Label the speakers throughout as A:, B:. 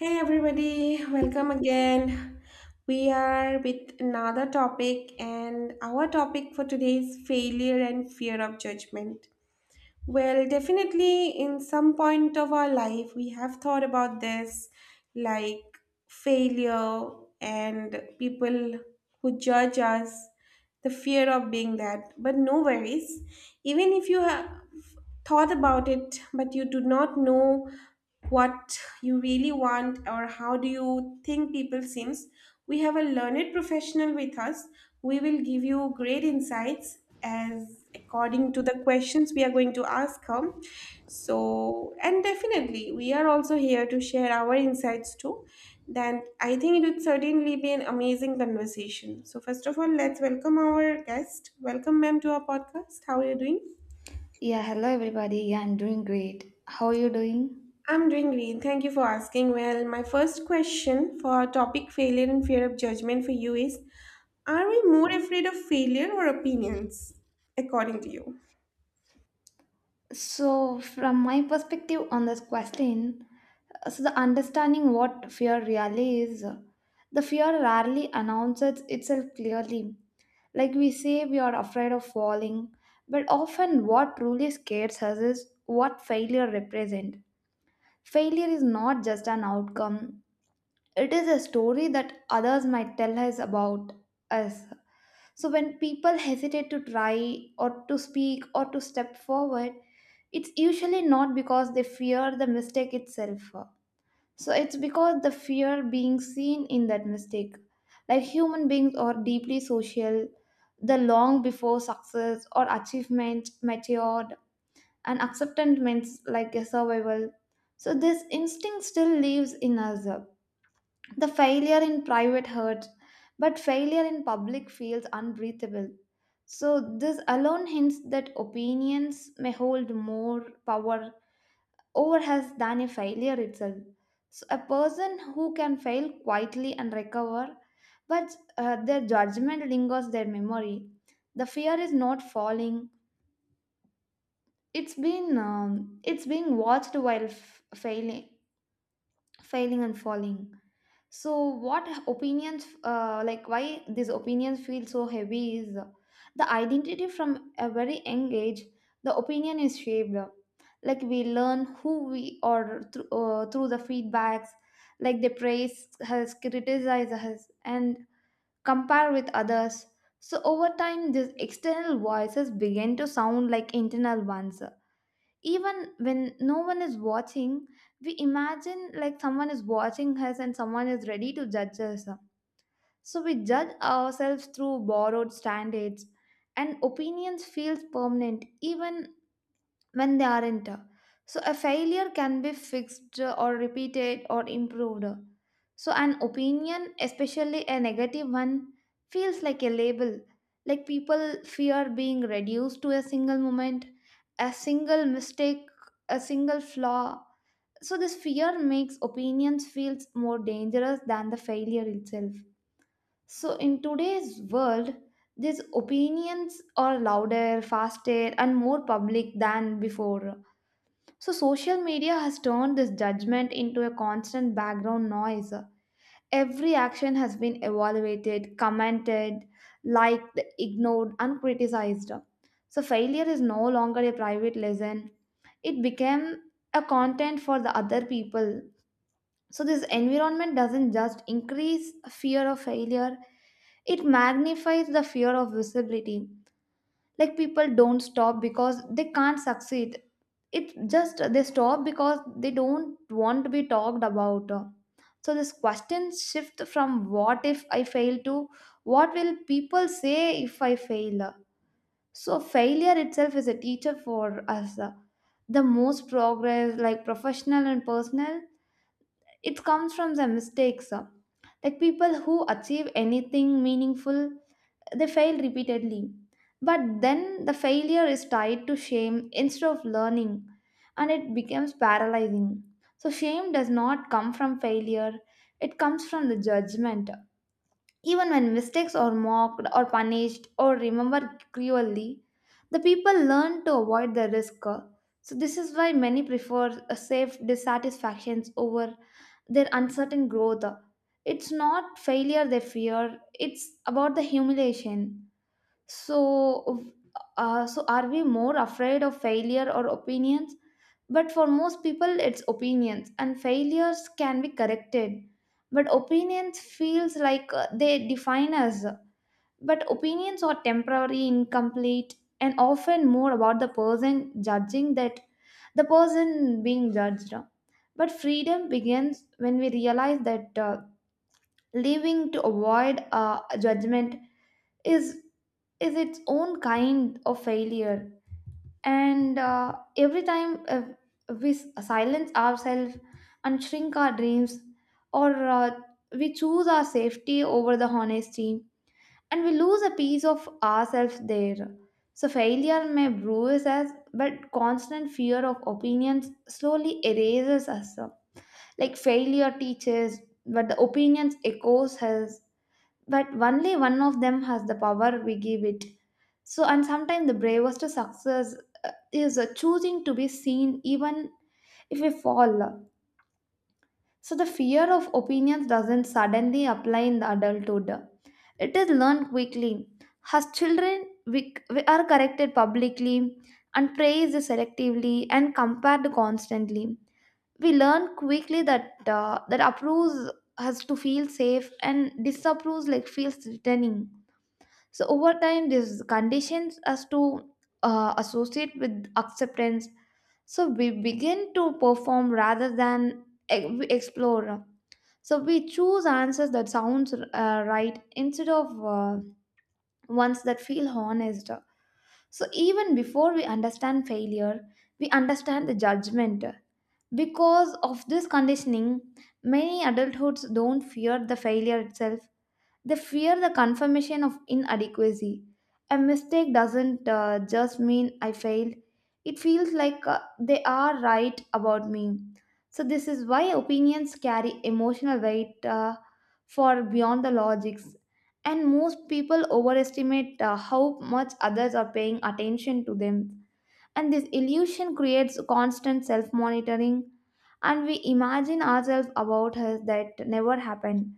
A: Hey everybody, welcome again. We are with another topic, and our topic for today is failure and fear of judgment. Well, definitely, in some point of our life, we have thought about this like, failure and people who judge us, the fear of being that. But no worries. Even if you have thought about it, but you do not know what you really want or how do you think people seems, we have a learned professional with us. We will give you great insights as according to the questions we are going to ask her. So, and definitely, we are also here to share our insights too. Then I think it would certainly be an amazing conversation. So first of all, let's welcome our guest. Welcome, ma'am, to our podcast. How are you doing?
B: Yeah, hello everybody. Yeah, I'm doing great. How are you doing?
A: I'm doing great. Thank you for asking. Well, my first question for our topic failure and fear of judgment for you is, are we more afraid of failure or opinions, according to you?
B: So, from my perspective on this question, the understanding what fear really is, the fear rarely announces itself clearly. Like we say, we are afraid of falling, but often what truly scares us is what failure represents. Failure is not just an outcome, it is a story that others might tell us about us. So when people hesitate to try or to speak or to step forward, it's usually not because they fear the mistake itself. So it's because the fear being seen in that mistake. Like human beings are deeply social, the long before success or achievement matured, and acceptance means like a survival. So this instinct still lives in us. The failure in private hurts, but failure in public feels unbreathable. So, this alone hints that opinions may hold more power over us than a failure itself. So, a person who can fail quietly and recover, but their judgment lingers their memory. The fear is not falling; it's being watched while failing, failing and falling. So, what opinions, like why these opinions feel so heavy is the identity from a very young age, the opinion is shaped. Like we learn who we are through, through the feedbacks, like they praise us, criticize us, and compare with others. So, over time, these external voices begin to sound like internal ones even when no one is watching, we imagine like someone is watching us and someone is ready to judge us, so we judge ourselves through borrowed standards, and opinions feels permanent even when they aren't. So, a failure can be fixed or repeated or improved. So, an opinion, especially a negative one, feels like a label. Like people fear being reduced to a single moment, a single mistake, a single flaw. So, this fear makes opinions feels more dangerous than the failure itself. So, in today's world, these opinions are louder, faster, and more public than before. So, social media has turned this judgment into a constant background noise. Every action has been evaluated, commented, liked, ignored, and criticized. So, failure is no longer a private lesson, it became a content for the other people. So, this environment doesn't just increase fear of failure, it magnifies the fear of visibility. Like, people don't stop because they can't succeed. It's just they stop because they don't want to be talked about. So this question shift from what if I fail to what will people say if I fail. So failure itself is a teacher for us. The most progress, like professional and personal, it comes from the mistakes. Like, people who achieve anything meaningful, they fail repeatedly. But then the failure is tied to shame instead of learning, and it becomes paralyzing. So, shame does not come from failure, it comes from the judgment. Even when mistakes are mocked or punished or remembered cruelly, the people learn to avoid the risk. So, this is why many prefer a safe dissatisfactions over their uncertain growth. It's not failure they fear, it's about the humiliation. So uh, so are we more afraid of failure or opinions? But for most people it's opinions, and failures can be corrected, but opinions feels like they define us. But opinions are temporary, incomplete, and often more about the person judging that the person being judged. But freedom begins when we realize that living to avoid judgment is is its own kind of failure. And every time silence ourselves and shrink our dreams, or we choose our safety over the honesty, and we lose a piece of ourselves there. So, failure may bruise us, but constant fear of opinions slowly erases us. Like, failure teaches, but the opinions echoes us, but only one of them has the power we give it. So, and sometimes the bravest success is choosing to be seen even if we fall. So, the fear of opinions doesn't suddenly apply in the adulthood, it is learned quickly. As children, we are corrected publicly and praised selectively and compared constantly. We learn quickly that that approves has to feel safe and disapproves like feels threatening. So over time, this conditions us to associate with acceptance. So we begin to perform rather than we explore. So we choose answers that sounds right instead of ones that feel honest. So even before we understand failure, we understand the judgment. Because of this conditioning, many adulthoods don't fear the failure itself. They fear the confirmation of inadequacy. A mistake doesn't just mean I failed, it feels like they are right about me. So, this is why opinions carry emotional weight for beyond the logics. And most people overestimate how much others are paying attention to them. And this illusion creates constant self monitoring, and we imagine ourselves about us that never happened.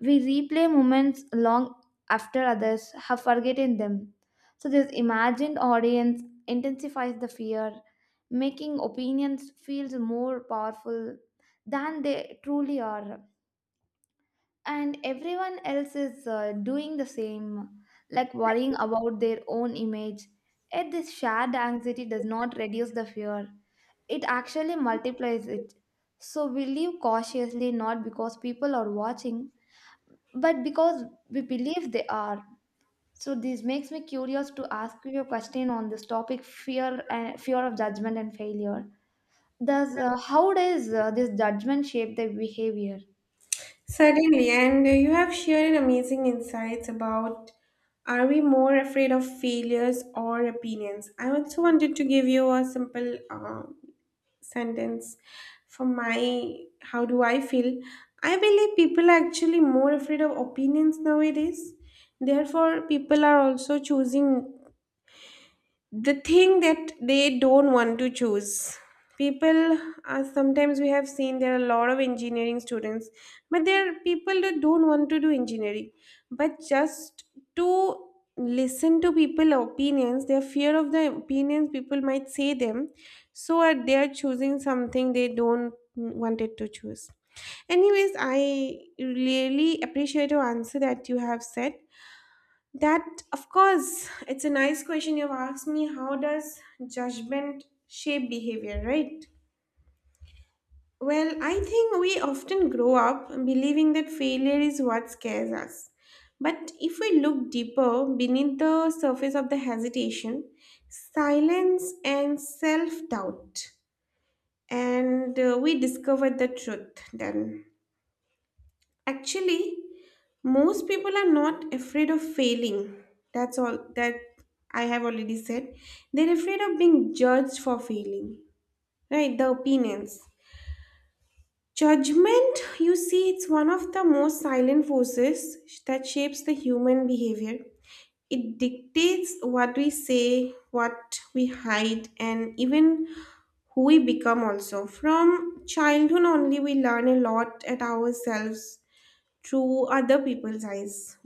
B: We replay moments long after others have forgotten them. So, this imagined audience intensifies the fear, making opinions feel more powerful than they truly are. And everyone else is doing the same, like worrying about their own image. Yet, this shared anxiety does not reduce the fear, it actually multiplies it. So, we live cautiously not because people are watching, but because we believe they are. So this makes me curious to ask you a question on this topic fear and fear of judgment and failure. Does How does this judgment shape their behavior?
A: Certainly, and you have shared amazing insights about, are we more afraid of failures or opinions? I also wanted to give you a simple sentence for my how do I feel. I believe people are actually more afraid of opinions nowadays. Therefore people are also choosing the thing that they don't want to choose. People, sometimes we have seen there are a lot of engineering students, but there are people that don't want to do engineering, but just to listen to people opinions, their fear of the opinions people might say them. So they are choosing something they don't wanted to choose. Anyways, I really appreciate your answer that you have said that, of course, it's a nice question you've asked me. How does judgment shape behavior, right? Well, I think we often grow up believing that failure is what scares us. But if we look deeper beneath the surface of the hesitation, silence, and self doubt, and we discover the truth then. Actually, most people are not afraid of failing. That's all that I have already said. They're afraid of being judged for failing. Right, the opinions. Judgment, you see, it's one of the most silent forces that shapes the human behavior. It dictates what we say, what we hide, and even who we become also. From childhood only, we learn a lot at ourselves through other people's eyes.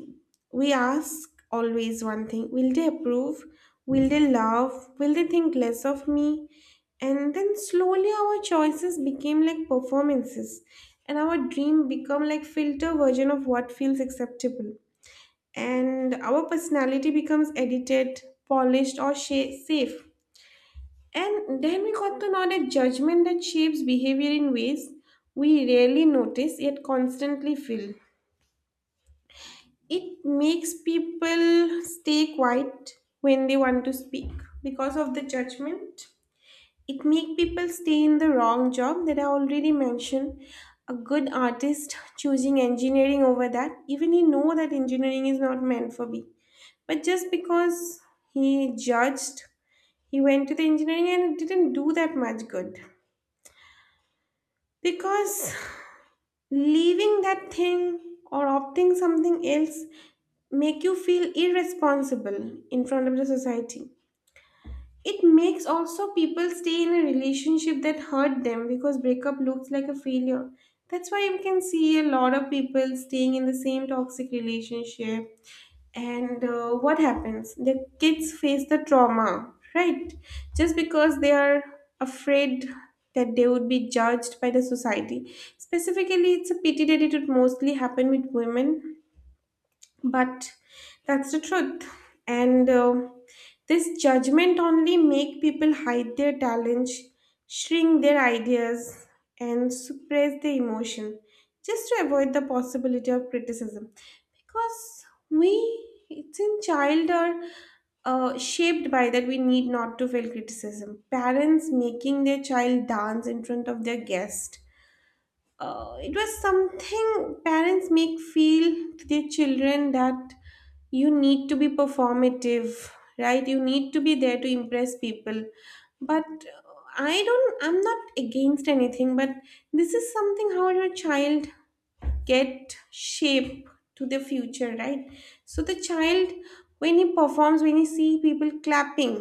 A: We ask always one thing, will they approve, will they love, will they think less of me? And then slowly our choices became like performances, and our dream become like filter version of what feels acceptable, and our personality becomes edited, polished, or safe. And then we got to know that judgment that shapes behavior in ways we rarely notice yet constantly feel. It makes people stay quiet when they want to speak because of the judgment. It make people stay in the wrong job that I already mentioned, a good artist choosing engineering over that even he know that engineering is not meant for me, but just because he judged, he went to the engineering and it didn't do that much good, because leaving that thing or opting something else make you feel irresponsible in front of the society. It makes also people stay in a relationship that hurt them because breakup looks like a failure. That's why you can see a lot of people staying in the same toxic relationship. And what happens? The kids face the trauma, right? Just because they are afraid that they would be judged by the society. Specifically, it's a pity that it would mostly happen with women, but that's the truth. And this judgment only make people hide their talents, shrink their ideas, and suppress their emotion just to avoid the possibility of criticism. Because we, it's in child are shaped by that we need not to feel criticism, parents making their child dance in front of their guest. It was something parents make feel to their children that you need to be performative, right, you need to be there to impress people. But uh, I don't I'm not against anything, but this is something how your child get shape to the future, right? So the child, when he performs, when he see people clapping,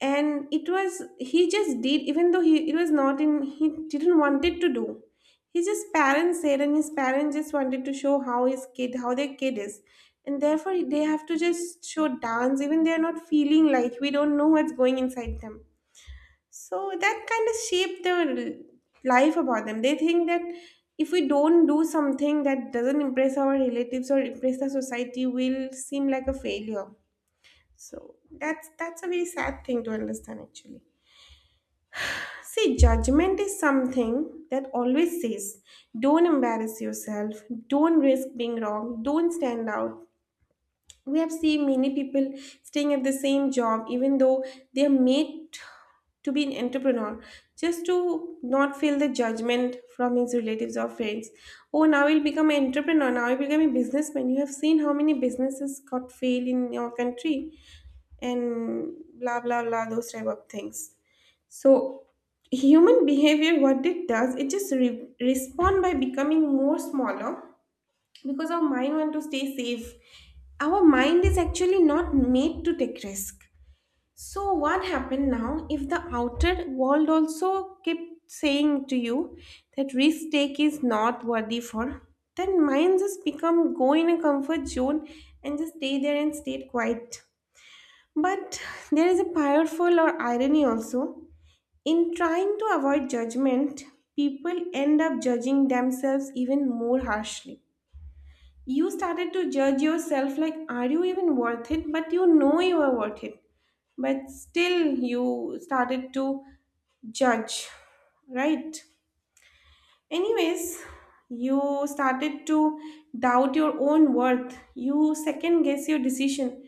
A: and it was he just did, even though he, it was not in, he didn't wanted to do, his just parents said, and his parents just wanted to show how his kid, how their kid is, and therefore they have to just show dance, even they are not feeling like, we don't know what's going inside them. So that kind of shaped their life about them. They think that if we don't do something that doesn't impress our relatives or impress the society, will seem like a failure. So that's a very sad thing to understand actually. See, judgment is something that always says, don't embarrass yourself, don't risk being wrong, don't stand out. We have seen many people staying at the same job, even though they are made to be an entrepreneur, just to not feel the judgment from his relatives or friends. Oh, now he'll become an entrepreneur, now he'll become a businessman. You have seen how many businesses got failed in your country, and blah blah blah, those type of things. So human behavior, what it does, it just respond by becoming more smaller because our mind want to stay safe. Our mind is actually not made to take risk. So what happened now if the outer world also kept saying to you that risk take is not worthy for, then mind just become go in a comfort zone and just stay there and stay quiet. But there is a powerful or irony also, in trying to avoid judgment, people end up judging themselves even more harshly. You started to judge yourself like, are you even worth it? But you know you are worth it. But still, you started to judge, right? Anyways, you started to doubt your own worth. You second guess your decision,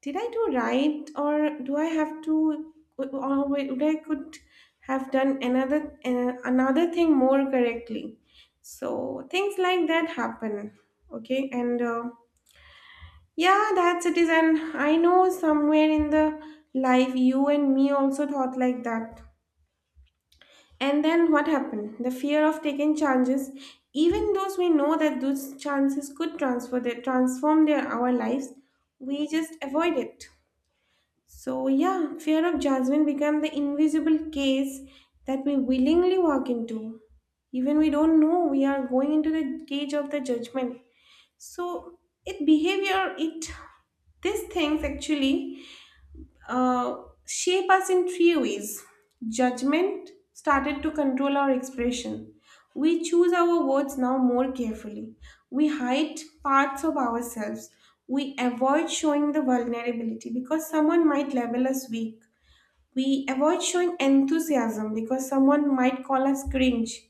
A: did I do right, or do I have to, or would I could have done another another thing more correctly? So things like that happen. Okay, and yeah, that's it. Is and I know somewhere in the life, you and me also thought like that. And then what happened? The fear of taking chances, even those we know that those chances could transfer their transform their our lives, we just avoid it. So, yeah, fear of judgment become the invisible case that we willingly walk into. Even we don't know we are going into the cage of the judgment. So, it behavior, it these things actually uh, shape us in three ways. Judgment started to control our expression. We choose our words now more carefully. We hide parts of ourselves. We avoid showing the vulnerability because someone might label us weak. We avoid showing enthusiasm because someone might call us cringe.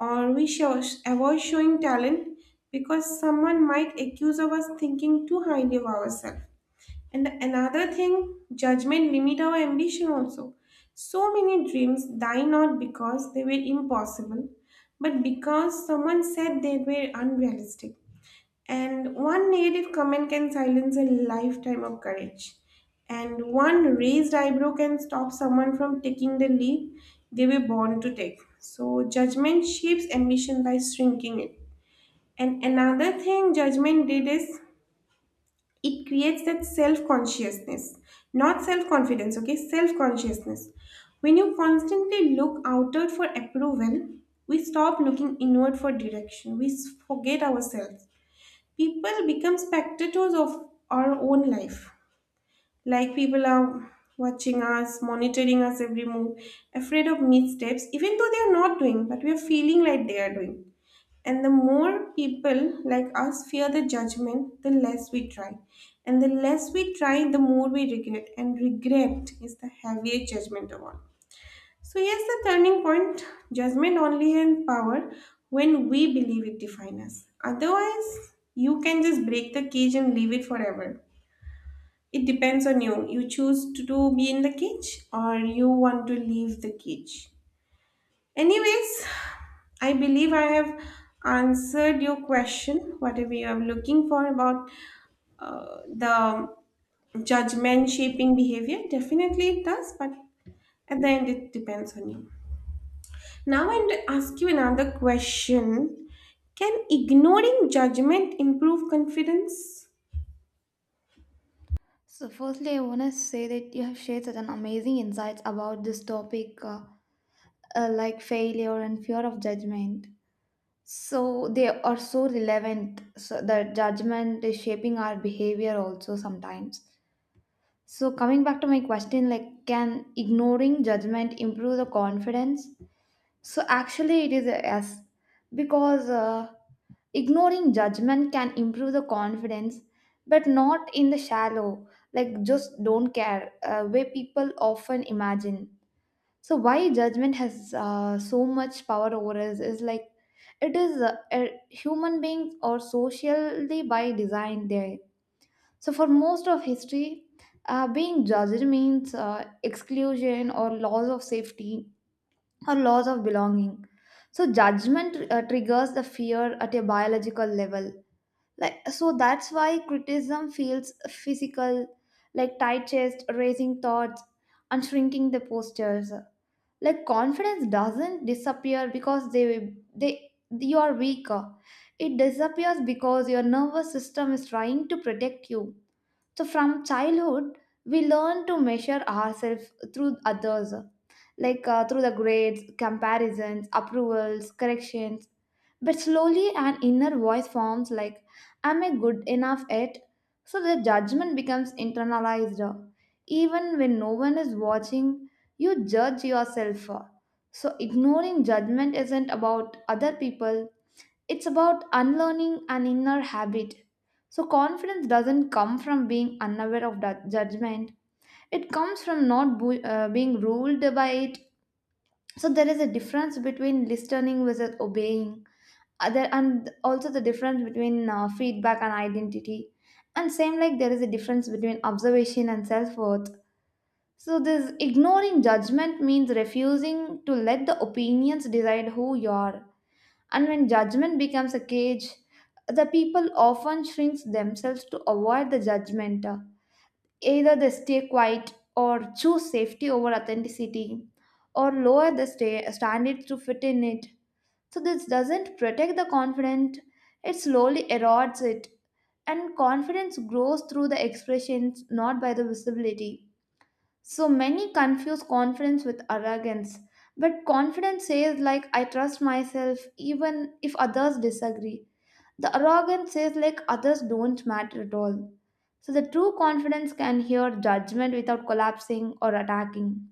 A: Or we show, avoid showing talent because someone might accuse of us thinking too highly of ourselves. And another thing, judgment limit our ambition also. So many dreams die not because they were impossible, but because someone said they were unrealistic. And one negative comment can silence a lifetime of courage. And one raised eyebrow can stop someone from taking the leap they were born to take. So judgment shapes ambition by shrinking it. And another thing judgment did is it creates that self-consciousness, not self-confidence, okay, self-consciousness. When you constantly look outward for approval, we stop looking inward for direction. We forget ourselves. People become spectators of our own life. Like people are watching us, monitoring us every move, afraid of missteps even though they are not doing, but we are feeling like they are doing. And the more people like us fear the judgment, the less we try. And the less we try, the more we regret. And regret is the heaviest judgment of all. So, here's the turning point, judgment only has power when we believe it defines us. Otherwise, you can just break the cage and leave it forever. It depends on you. You choose to be in the cage, or you want to leave the cage. Anyways, I believe I have answered your question, whatever you are looking for about the judgment shaping behavior. Definitely it does, but at the end it depends on you. Now I'm going to ask you another question. Can ignoring judgment improve confidence?
B: So firstly I want to say that you have shared such an amazing insights about this topic, like failure and fear of judgment, so they are so relevant. So the judgment is shaping our behavior also sometimes. So coming back to my question, like can ignoring judgment improve the confidence? So actually it is a yes, because ignoring judgment can improve the confidence, but not in the shallow like just don't care way people often imagine. So why judgment has so much power over us is like it is a human beings or socially by design there. So, for most of history, being judged means exclusion or loss of safety or loss of belonging. So, judgment triggers the fear at a biological level. Like so, that's why criticism feels physical, like tight chest, raising thoughts, and shrinking the postures. Like confidence doesn't disappear because they you are weaker. It disappears because your nervous system is trying to protect you. So from childhood, we learn to measure ourselves through others, like through the grades, comparisons, approvals, corrections. But slowly, an inner voice forms like, am I good enough at? So the judgment becomes internalized. Even when no one is watching, you judge yourself. So ignoring judgment isn't about other people, it's about unlearning an inner habit. So, confidence doesn't come from being unaware of that judgment, it comes from not being ruled by it. So, there is a difference between listening versus obeying, other, and also the difference between feedback and identity. And same, like there is a difference between observation and self worth. So, this ignoring judgment means refusing to let the opinions decide who you are. And when judgment becomes a cage, the people often shrink themselves to avoid the judgment. Either they stay quiet or choose safety over authenticity or lower the stay, standards to fit in it. So this doesn't protect the confident, it slowly erodes it. And confidence grows through the expressions, not by the visibility. So many confuse confidence with arrogance. But confidence says, like, I trust myself even if others disagree. The arrogance says, like, others don't matter at all. So the true confidence can hear judgment without collapsing or attacking.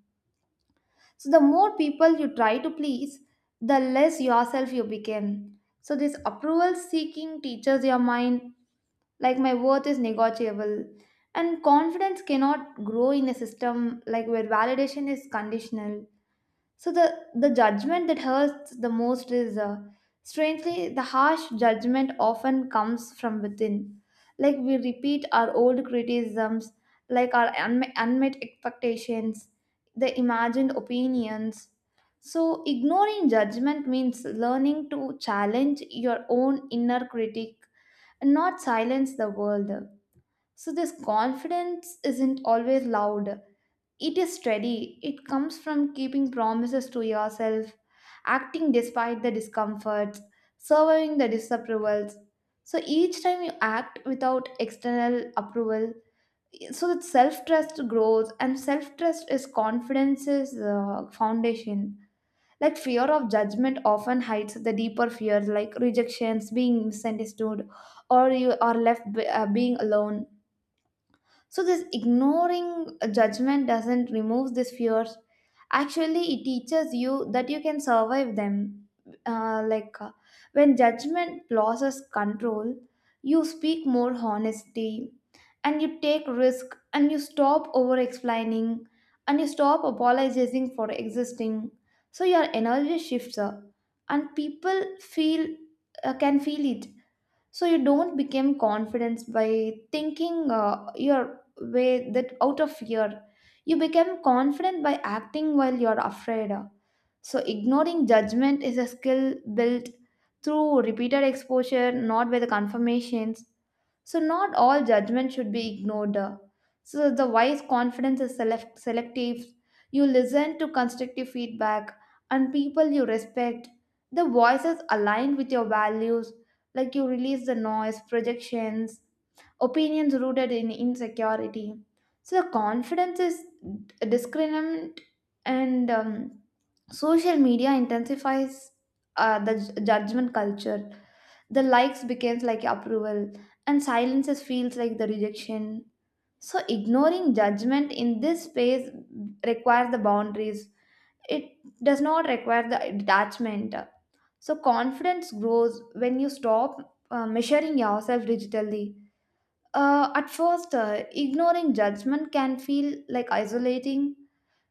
B: So the more people you try to please, the less yourself you become. So this approval seeking teaches your mind, like, my worth is negotiable, and confidence cannot grow in a system like where validation is conditional. So the judgment that hurts the most is, strangely, the harsh judgment often comes from within. Like we repeat our old criticisms, like our unmet expectations, the imagined opinions. So ignoring judgment means learning to challenge your own inner critic and not silence the world. So this confidence isn't always loud. It is steady. It comes from keeping promises to yourself, acting despite the discomforts, surviving the disapprovals. So each time you act without external approval, so that self trust grows, and self trust is confidence's foundation. Like fear of judgment often hides the deeper fears, like rejections, being misunderstood, or you are left being alone. So this ignoring judgment doesn't remove these fears. Actually, it teaches you that you can survive them. Uh, like uh, when judgment loses control, you speak more honesty, and you take risk, and you stop over explaining, and you stop apologizing for existing. So your energy shifts, and people feel, can feel it. So you don't become confident by thinking your way that out of fear, you become confident by acting while you're afraid. So ignoring judgment is a skill built through repeated exposure, not by the confirmations. So not all judgment should be ignored. So the wise confidence is selective. You listen to constructive feedback and people you respect, the voices aligned with your values. Like you release the noise, projections, opinions rooted in insecurity. So the confidence is discriminant. And social media intensifies the judgment culture. The likes becomes like approval, and silences feels like the rejection. So ignoring judgment in this space requires the boundaries. It does not require the detachment. So confidence grows when you stop measuring yourself digitally. At first, ignoring judgment can feel like isolating.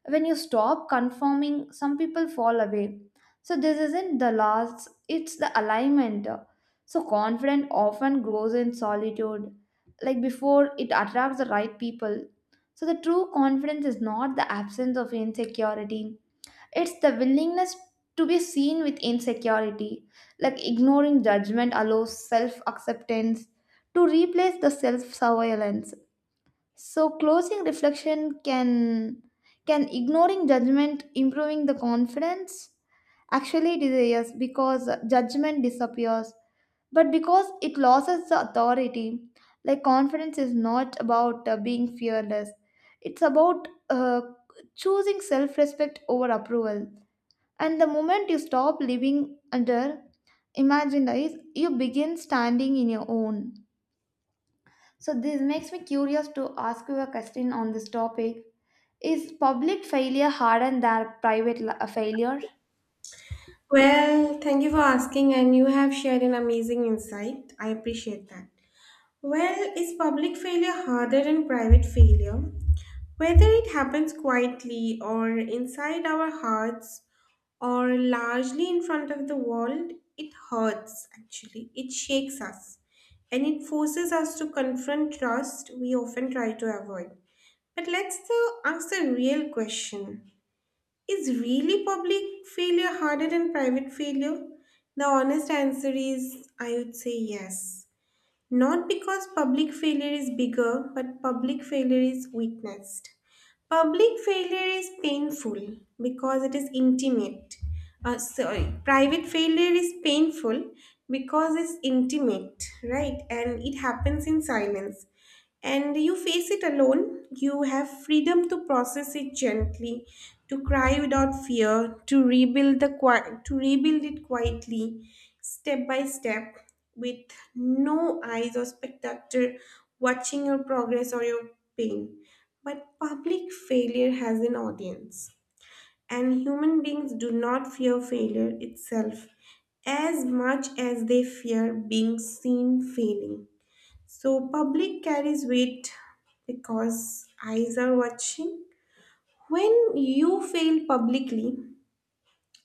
B: When you stop conforming, some people fall away. So this isn't the loss; it's the alignment. So confidence often grows in solitude, like before it attracts the right people. So the true confidence is not the absence of insecurity, it's the willingness to be seen with insecurity. Like ignoring judgment allows self acceptance to replace the self surveillance. So closing reflection, can ignoring judgment improving the confidence? Actually it is a yes, because judgment disappears, but because it loses the authority. Like confidence is not about being fearless, it's about choosing self-respect over approval, and the moment you stop living under imagined eyes, you begin standing in your own. So, this makes me curious to ask you a question on this topic. Is public failure harder than failure?
A: Well, thank you for asking, and you have shared an amazing insight. I appreciate that. Well, is public failure harder than private failure? Whether it happens quietly or inside our hearts or largely in front of the world, it hurts actually. It shakes us and it forces us to confront trust we often try to avoid. But let's still ask the real question, is really public failure harder than private failure? The honest answer is I would say yes. Not because public failure is bigger, but public failure is witnessed. Public failure is painful because it is intimate. Private failure is painful because it's intimate, right? And it happens in silence. And you face it alone. You have freedom to process it gently, to cry without fear, to rebuild it quietly step by step with no eyes or spectator watching your progress or your pain. But public failure has an audience, and human beings do not fear failure itself as much as they fear being seen failing. So, public carries weight because eyes are watching. When you fail publicly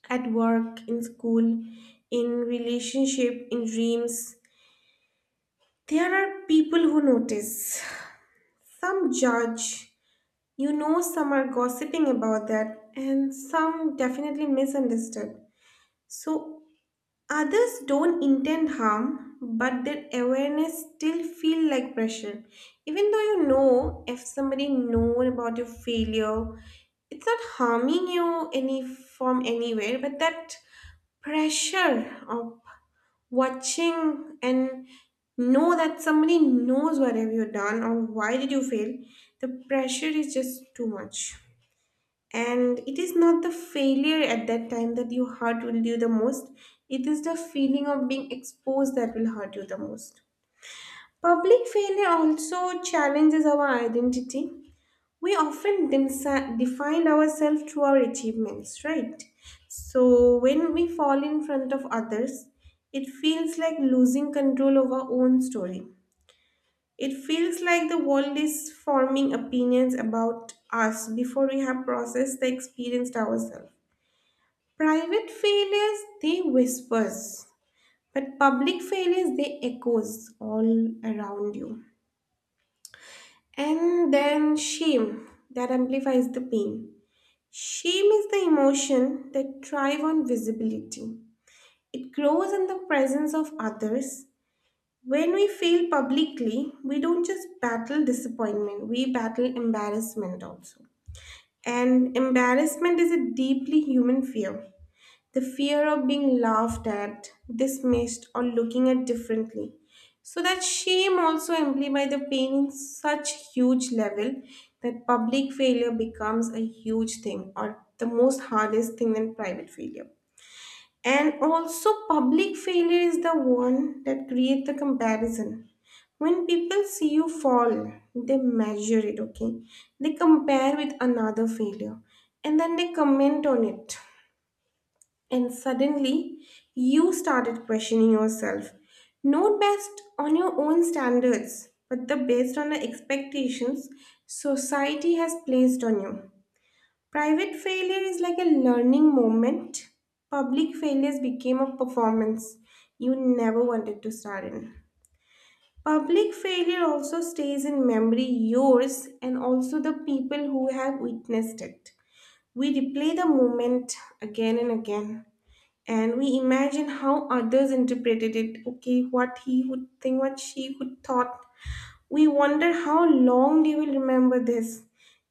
A: at work, in school, in relationship, in dreams, there are people who notice, some judge, you know, some are gossiping about that, and some definitely misunderstood. So others don't intend harm, but their awareness still feel like pressure. Even though you know if somebody know about your failure, it's not harming you any from anywhere, but that pressure of watching and know that somebody knows what have you done or why did you fail, the pressure is just too much. And it is not the failure at that time that your hurt will do the most, it is the feeling of being exposed that will hurt you the most. Public failure also challenges our identity. Define ourselves through our achievements, right? So when we fall in front of others, it feels like losing control of our own story. It feels like the world is forming opinions about us before we have processed the experience ourselves. Private failures, they whispers, but public failures, they echoes all around you. And then shame that amplifies the pain. Shame is the emotion that thrives on visibility. It grows in the presence of others. When we fail publicly, we don't just battle disappointment, we battle embarrassment also. And embarrassment is a deeply human fear, the fear of being laughed at, dismissed, or looking at differently. So that shame also amplifies the pain in such huge level that public failure becomes a huge thing or the most hardest thing than private failure. And also public failure is the one that creates the comparison. When people see you fall, they measure it, okay? They compare with another failure and then they comment on it, and suddenly, you started questioning yourself, not based on your own standards, but the based on the expectations society has placed on you. Private failure is like a learning moment. Public failures became a performance you never wanted to start in. Public failure also stays in memory, yours and also the people who have witnessed it. We replay the moment again and again, and we imagine how others interpreted it. Okay, what he would think, what she would thought. We wonder how long they will remember this,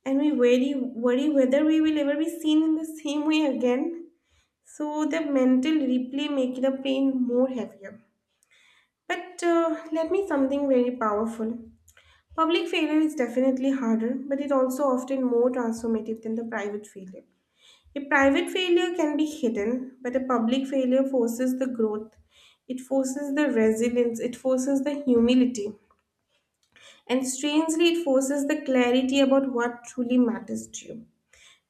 A: and we worry whether we will ever be seen in the same way again. So the mental replay make the pain more heavier. But let me something very powerful. Public failure is definitely harder, but it also often more transformative than the private failure. A private failure can be hidden, but a public failure forces the growth. It forces the resilience, it forces the humility, and strangely, it forces the clarity about what truly matters to you.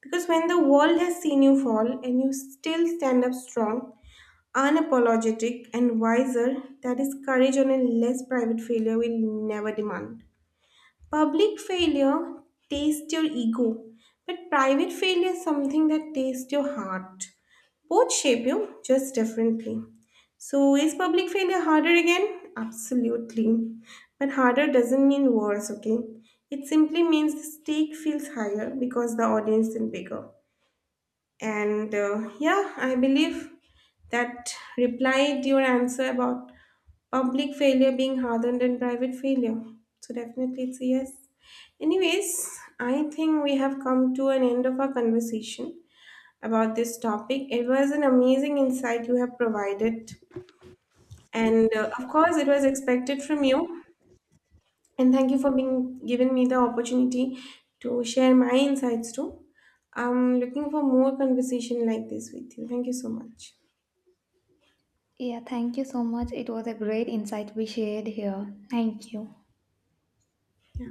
A: Because when the world has seen you fall and you still stand up strong, unapologetic, and wiser, that is courage on a less private failure will never demand. Public failure tastes your ego, but private failure is something that tastes your heart. Both shape you just differently. So, is public failure harder again? Absolutely. But harder doesn't mean worse, okay? It simply means the stake feels higher because the audience is bigger. And yeah, I believe that replied your answer about public failure being harder than private failure. So definitely it's a yes. Anyways, I think we have come to an end of our conversation about this topic. It was an amazing insight you have provided, and of course, it was expected from you. And thank you for being giving me the opportunity to share my insights too. I'm looking for more conversation like this with you. Thank you so much.
B: Yeah, thank you so much. It was a great insight we shared here. Thank you.
A: Yeah.